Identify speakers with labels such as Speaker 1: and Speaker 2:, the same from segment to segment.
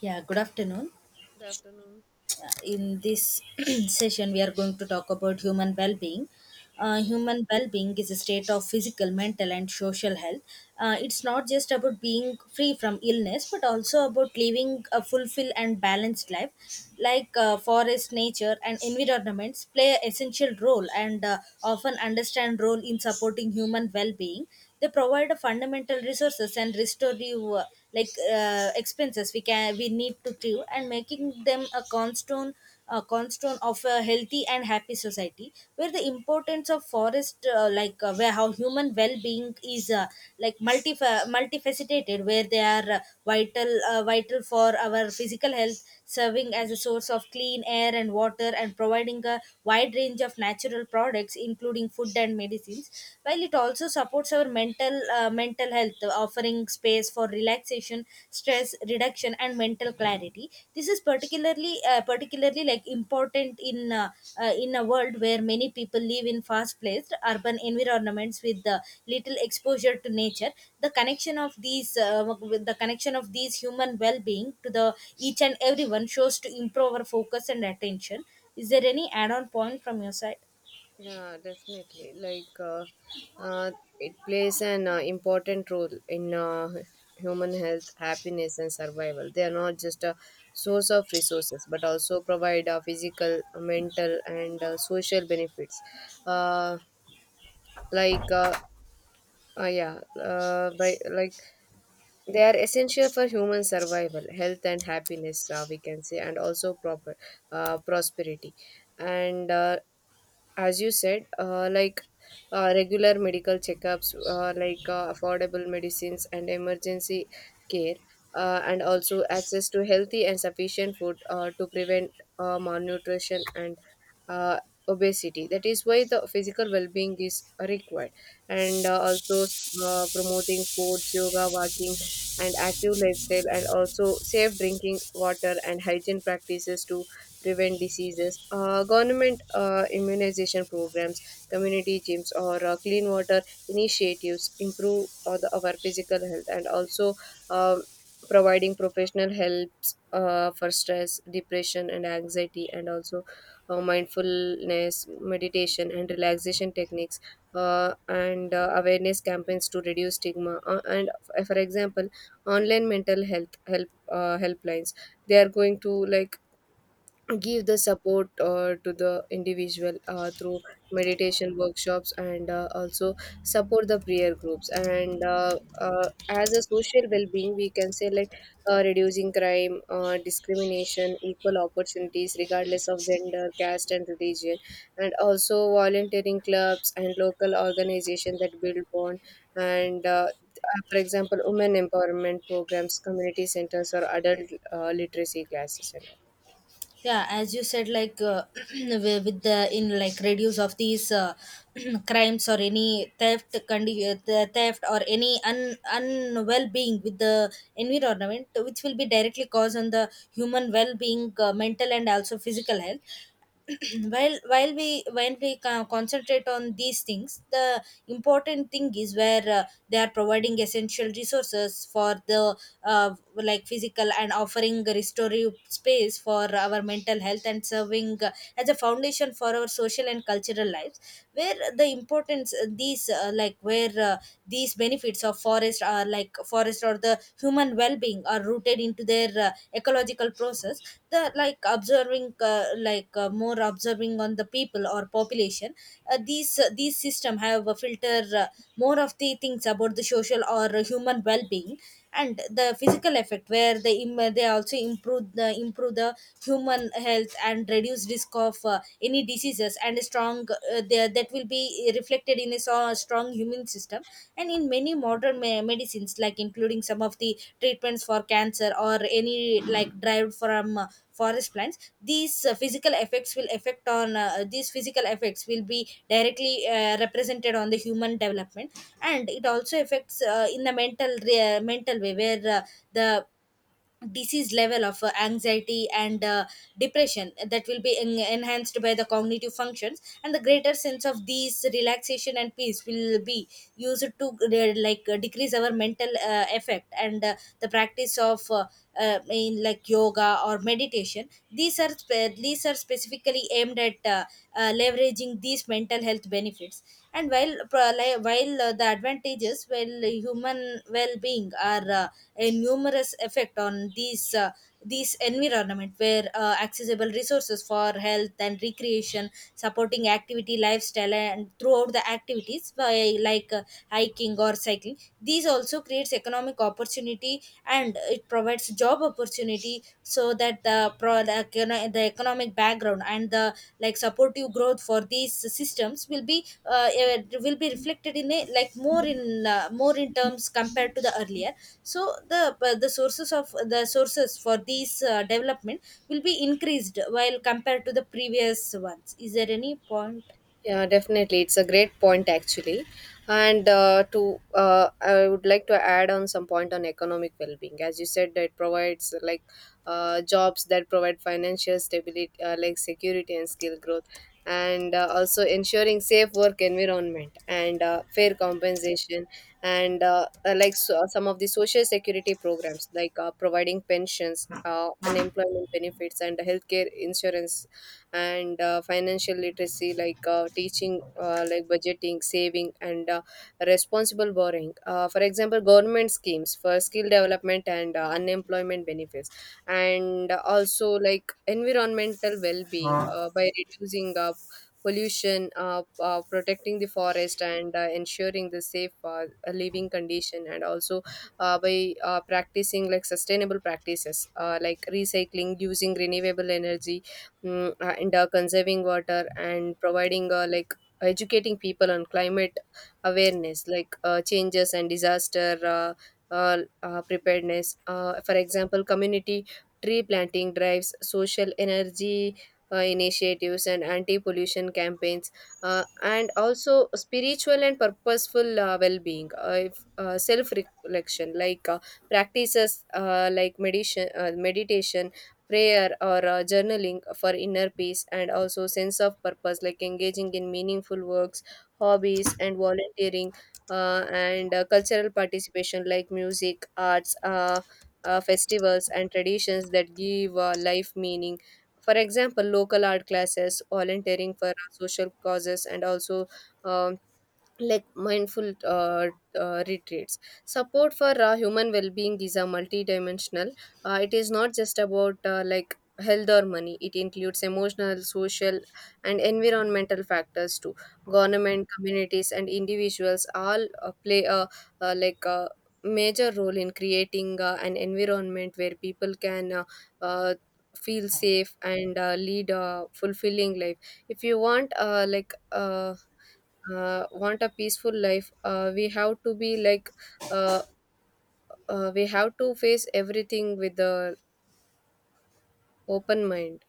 Speaker 1: Yeah, good afternoon.
Speaker 2: Good afternoon.
Speaker 1: In this session, we are going to talk about human well being.
Speaker 2: Yeah.
Speaker 1: Human well being is a state of physical, mental, and social health. It's not just about being free from illness, but also about living a fulfilled and balanced life. Like forest, nature, and environments play an essential role and often understand role in supporting human well being. They provide a fundamental resources and restorative like expenses we can we need to do, and making them a cornerstone of a healthy and happy society, where the importance of forest like where how human well-being is like multifaceted where they are vital, vital for our physical health, serving as a source of clean air and water, and providing a wide range of natural products including food and medicines, while it also supports our mental, mental health, offering space for relaxation, stress reduction, and mental clarity. This is particularly, particularly like important in, in a world where many people live in fast paced urban environments with little exposure to nature. The connection of these uh, with the connection of these human well being to the each and everyone shows to improve our focus and attention. Is there any add on point from your side?
Speaker 2: Yeah, definitely. Uh, it plays an important role in human health, happiness, and survival. They are not just a source of resources, but also provide physical, mental, and social benefits. Uh, like, yeah, by, like They are essential for human survival, health, and happiness. We can say, and also proper prosperity. And as you said, regular medical checkups, affordable medicines and emergency care, and also access to healthy and sufficient food to prevent malnutrition and uh, obesity. That is why the physical well-being is required, and also promoting sports, yoga, walking, and active lifestyle, and also safe drinking water and hygiene practices to prevent diseases. Government immunization programs, community gyms, or clean water initiatives improve our physical health, and also um, providing professional helps for stress, depression, and anxiety, and also mindfulness, meditation, and relaxation techniques. And awareness campaigns to reduce stigma and for example online mental health help helplines, they are going to, like, give the support to the individual through meditation workshops, and also support the prayer groups. And as a social well-being we can say, like, reducing crime, discrimination, equal opportunities regardless of gender, caste, and religion, and also volunteering clubs and local organizations that build bond. And for example, women empowerment programs, community centers, or adult literacy classes and all.
Speaker 1: Yeah, as you said, like with the in like reduce of these crimes or any theft condi- the theft, or any un, un well-being with the environment, which will be directly caused on the human well-being, mental and also physical health. While we when we co- concentrate on these things, the important thing is where they are providing essential resources for the like physical, and offering restorative space for our mental health, and serving as a foundation for our social and cultural lives, where the importance these like where these benefits of forest are, like forest interest or the human well-being, are rooted into their ecological process. The like observing like more observing on the people or population, these system have a filter, more of the things about the social or human well-being. And the physical effect where they also improve the human health and reduce risk of any diseases, and a strong there that will be reflected in a strong human system. And in many modern medicines, like including some of the treatments for cancer or any, like derived from forest plants, these physical effects will affect on these physical effects will be directly represented on the human development. And it also affects in the mental, mental way, where the disease level of anxiety and depression, that will be enhanced by the cognitive functions, and the greater sense of these relaxation and peace will be used to like decrease our mental effect. And the practice of in like yoga or meditation, these are these are specifically aimed at leveraging these mental health benefits. And while while the advantages well human well-being are a numerous effect on these environment, where accessible resources for health and recreation, supporting activity lifestyle, and throughout the activities by like hiking or cycling, these also creates economic opportunity, and it provides job opportunity, so that the the economic background and the like supportive growth for these systems will be will be reflected in a like more in, more in terms compared to the earlier. So the sources of the sources for these development will be increased while compared to the previous ones. Is there any point?
Speaker 2: Yeah, definitely. It's a great point, actually. And to I would like to add on some point on economic well-being. As you said, that provides jobs that provide financial stability, security and skill growth, and also ensuring safe work environment and fair compensation, and so, some of the social security programs, like, providing pensions, unemployment benefits, and healthcare insurance, and financial literacy, like, teaching, budgeting, saving, and responsible borrowing. For example, government schemes for skill development and unemployment benefits, and also like environmental well-being by reducing pollution, protecting the forest, and ensuring the safe living condition, and also by practicing like sustainable practices, like recycling, using renewable energy, and conserving water, and providing educating people on climate awareness, changes and disaster uh, preparedness. For example, community tree planting drives, social energy initiatives, and anti-pollution campaigns, and also spiritual and purposeful well-being. If, self-reflection, practices, meditation, meditation, prayer, or journaling for inner peace, and also sense of purpose, like engaging in meaningful works, hobbies, and volunteering, and cultural participation, like music, arts, festivals, and traditions that give life meaning. For example, local art classes, volunteering for social causes, and also um, mindful retreats. Support for human well-being is a multidimensional. It is not just about health or money. It includes emotional, social, and environmental factors too. Government, communities, and individuals all play a uh, like a major role in creating an environment where people can uh, feel safe and lead a fulfilling life. If you want, want a peaceful life, we have to be, like, uh, we have to face everything with the open mind.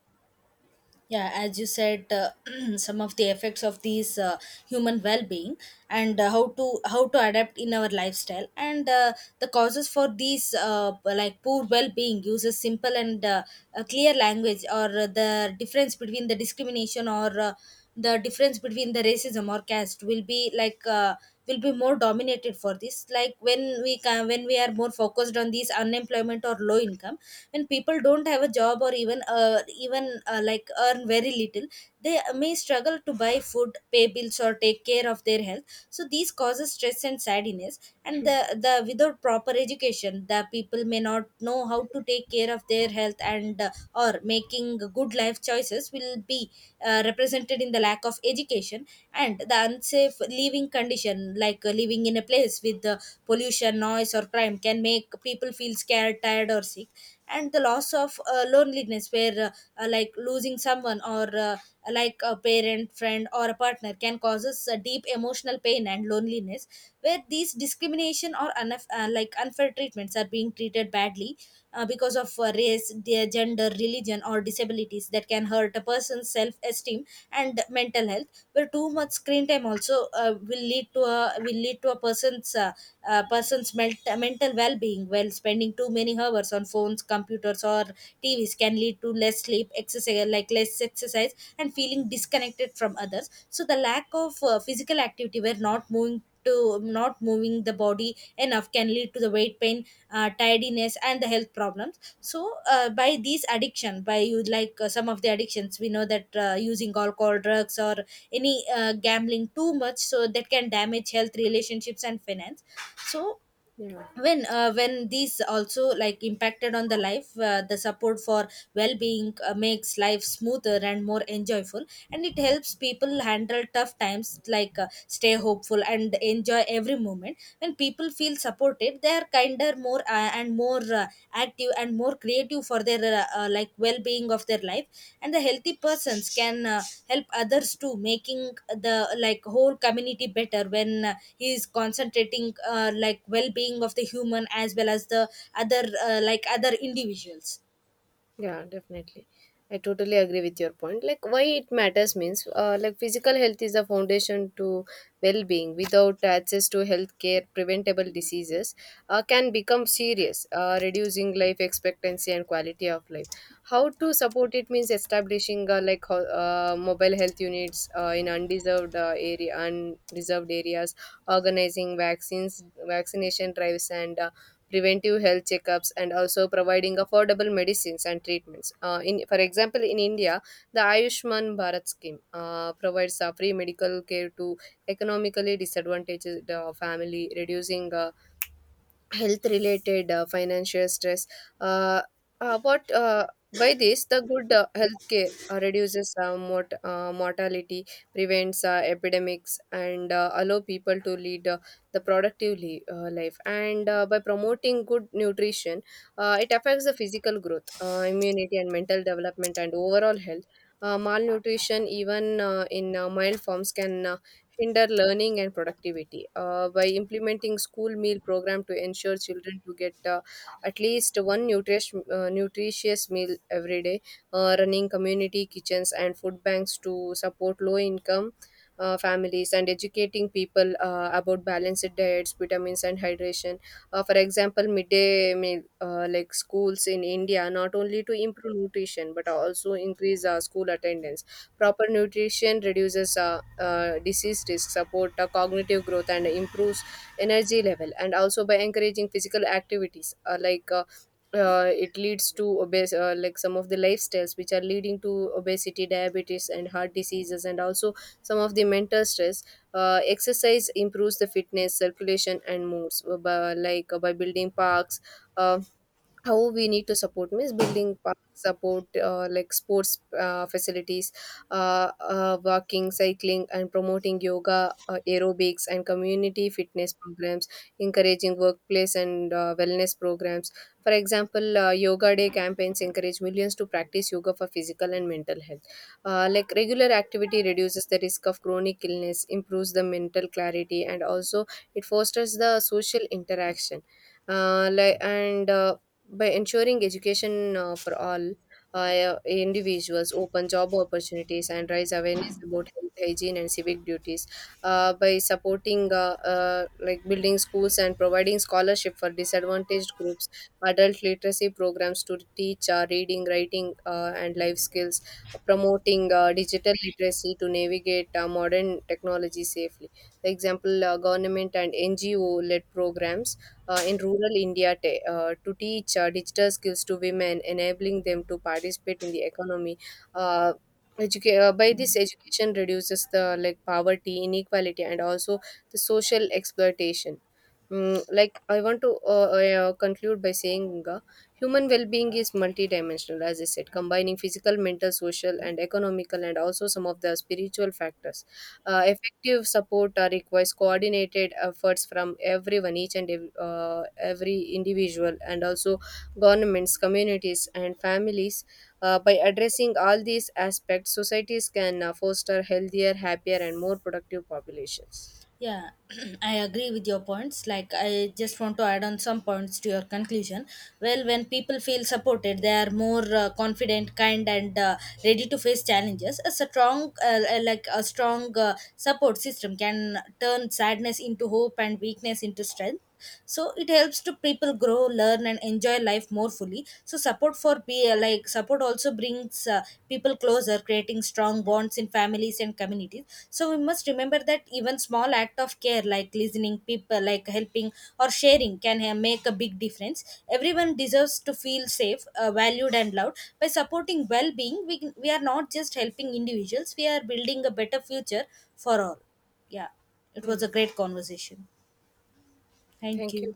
Speaker 1: Yeah, as you said, some of the effects of these human well-being, and how to adapt in our lifestyle, and the causes for these like poor well-being uses simple and a clear language, or the difference between the discrimination, or the difference between the racism or caste, will be like will be more dominated for this. Like when we are more focused on these unemployment or low income, when people don't have a job, or even like earn very little, they may struggle to buy food, pay bills, or take care of their health. So these causes stress and sadness. And the without proper education, the people may not know how to take care of their health, and or making good life choices will be represented in the lack of education. And the unsafe living condition, like living in a place with pollution, noise, or crime can make people feel scared, tired, or sick. And the loss of loneliness, where like losing someone, or like a parent, friend, or a partner, can cause us a deep emotional pain and loneliness. Where these discrimination, or like unfair treatments, are being treated badly because of race, their gender, religion, or disabilities, that can hurt a person's self-esteem and mental health. But too much screen time also will lead to a person's mental well-being. While spending too many hours on phones, computers, or TVs can lead to less sleep, exercise like less exercise, and feeling disconnected from others. So the lack of physical activity, where not moving the body enough can lead to the weight pain, tiredness, and the health problems. So by these addiction by you like some of the addictions we know, that using alcohol, drugs, or any gambling too much, so that can damage health, relationships, and finance. So
Speaker 2: Yeah.
Speaker 1: when these also like impacted on the life, the support for well-being makes life smoother and more enjoyable, and it helps people handle tough times, like stay hopeful and enjoy every moment. When people feel supported, they are kinder, more active, and more creative for their like well-being of their life. And the healthy persons can help others too, making the like whole community better, when he is concentrating like well-being of the human as well as the other like other individuals.
Speaker 2: Yeah, definitely. I totally agree with your point. Like, why it matters means, like, physical health is the foundation to well being. Without access to health care, preventable diseases can become serious, reducing life expectancy and quality of life. How to support it means establishing mobile health units in undeserved undeserved areas, organizing vaccines, vaccination drives, and preventive health checkups, and also providing affordable medicines and treatments in for example in India, the Ayushman Bharat scheme provides free medical care to economically disadvantaged family, reducing health related financial stress. Uh, what by this, the good health care reduces mortality, prevents epidemics, and allow people to lead the life. And by promoting good nutrition, it affects the physical growth, immunity, and mental development, and overall health. Malnutrition, even in mild forms, can hinder learning and productivity. By implementing school meal program to ensure children to get at least one nutritious nutritious meal every day, running community kitchens and food banks to support low income families, and educating people about balanced diets, vitamins, and hydration. For example, midday meal, schools in India, not only to improve nutrition but also increase school attendance. Proper nutrition reduces disease risk, support cognitive growth, and improves energy level. And also by encouraging physical activities, it leads to obese, like some of the lifestyles which are leading to obesity, diabetes, and heart diseases, and also some of the mental stress. Exercise improves the fitness, circulation, and moods by building parks. Uh, how we need to support means building parks, support sports facilities, walking, cycling, and promoting yoga, aerobics, and community fitness programs, encouraging workplace and wellness programs. For example, yoga day campaigns encourage millions to practice yoga for physical and mental health. Regular activity reduces the risk of chronic illness, improves the mental clarity, and also it fosters the social interaction. Like and by ensuring education for all individuals, open job opportunities, and raise awareness about health, hygiene, and civic duties. By supporting, building schools and providing scholarship for disadvantaged groups, adult literacy programs to teach reading, writing, and life skills, promoting digital literacy to navigate modern technology safely. For example, government and NGO led programs in rural India, to teach digital skills to women, enabling them to participate in the economy. Uh, by this, education reduces the like poverty, inequality, and also the social exploitation. Mm, like, I want to yeah, conclude by saying, human well-being is multidimensional, as I said, combining physical, mental, social, and economical, and also some of the spiritual factors. Effective support requires coordinated efforts from everyone, each and every individual, and also governments, communities, and families. By addressing all these aspects, societies can foster healthier, happier, and more productive populations.
Speaker 1: Yeah. I agree with your points. Like, I just want to add on some points to your conclusion. Well, when people feel supported, they are more confident, kind, and ready to face challenges. A strong, like a strong support system can turn sadness into hope, and weakness into strength. So it helps to people grow, learn, and enjoy life more fully. So support for be like support also brings people closer, creating strong bonds in families and communities. So we must remember that even small act of care, like listening people, like helping or sharing, can make a big difference. Everyone deserves to feel safe, valued, and loved. By supporting well-being, we are not just helping individuals, we are building a better future for all. Yeah, it
Speaker 2: Yeah,
Speaker 1: was a great conversation. Thank
Speaker 2: thank you.
Speaker 1: you.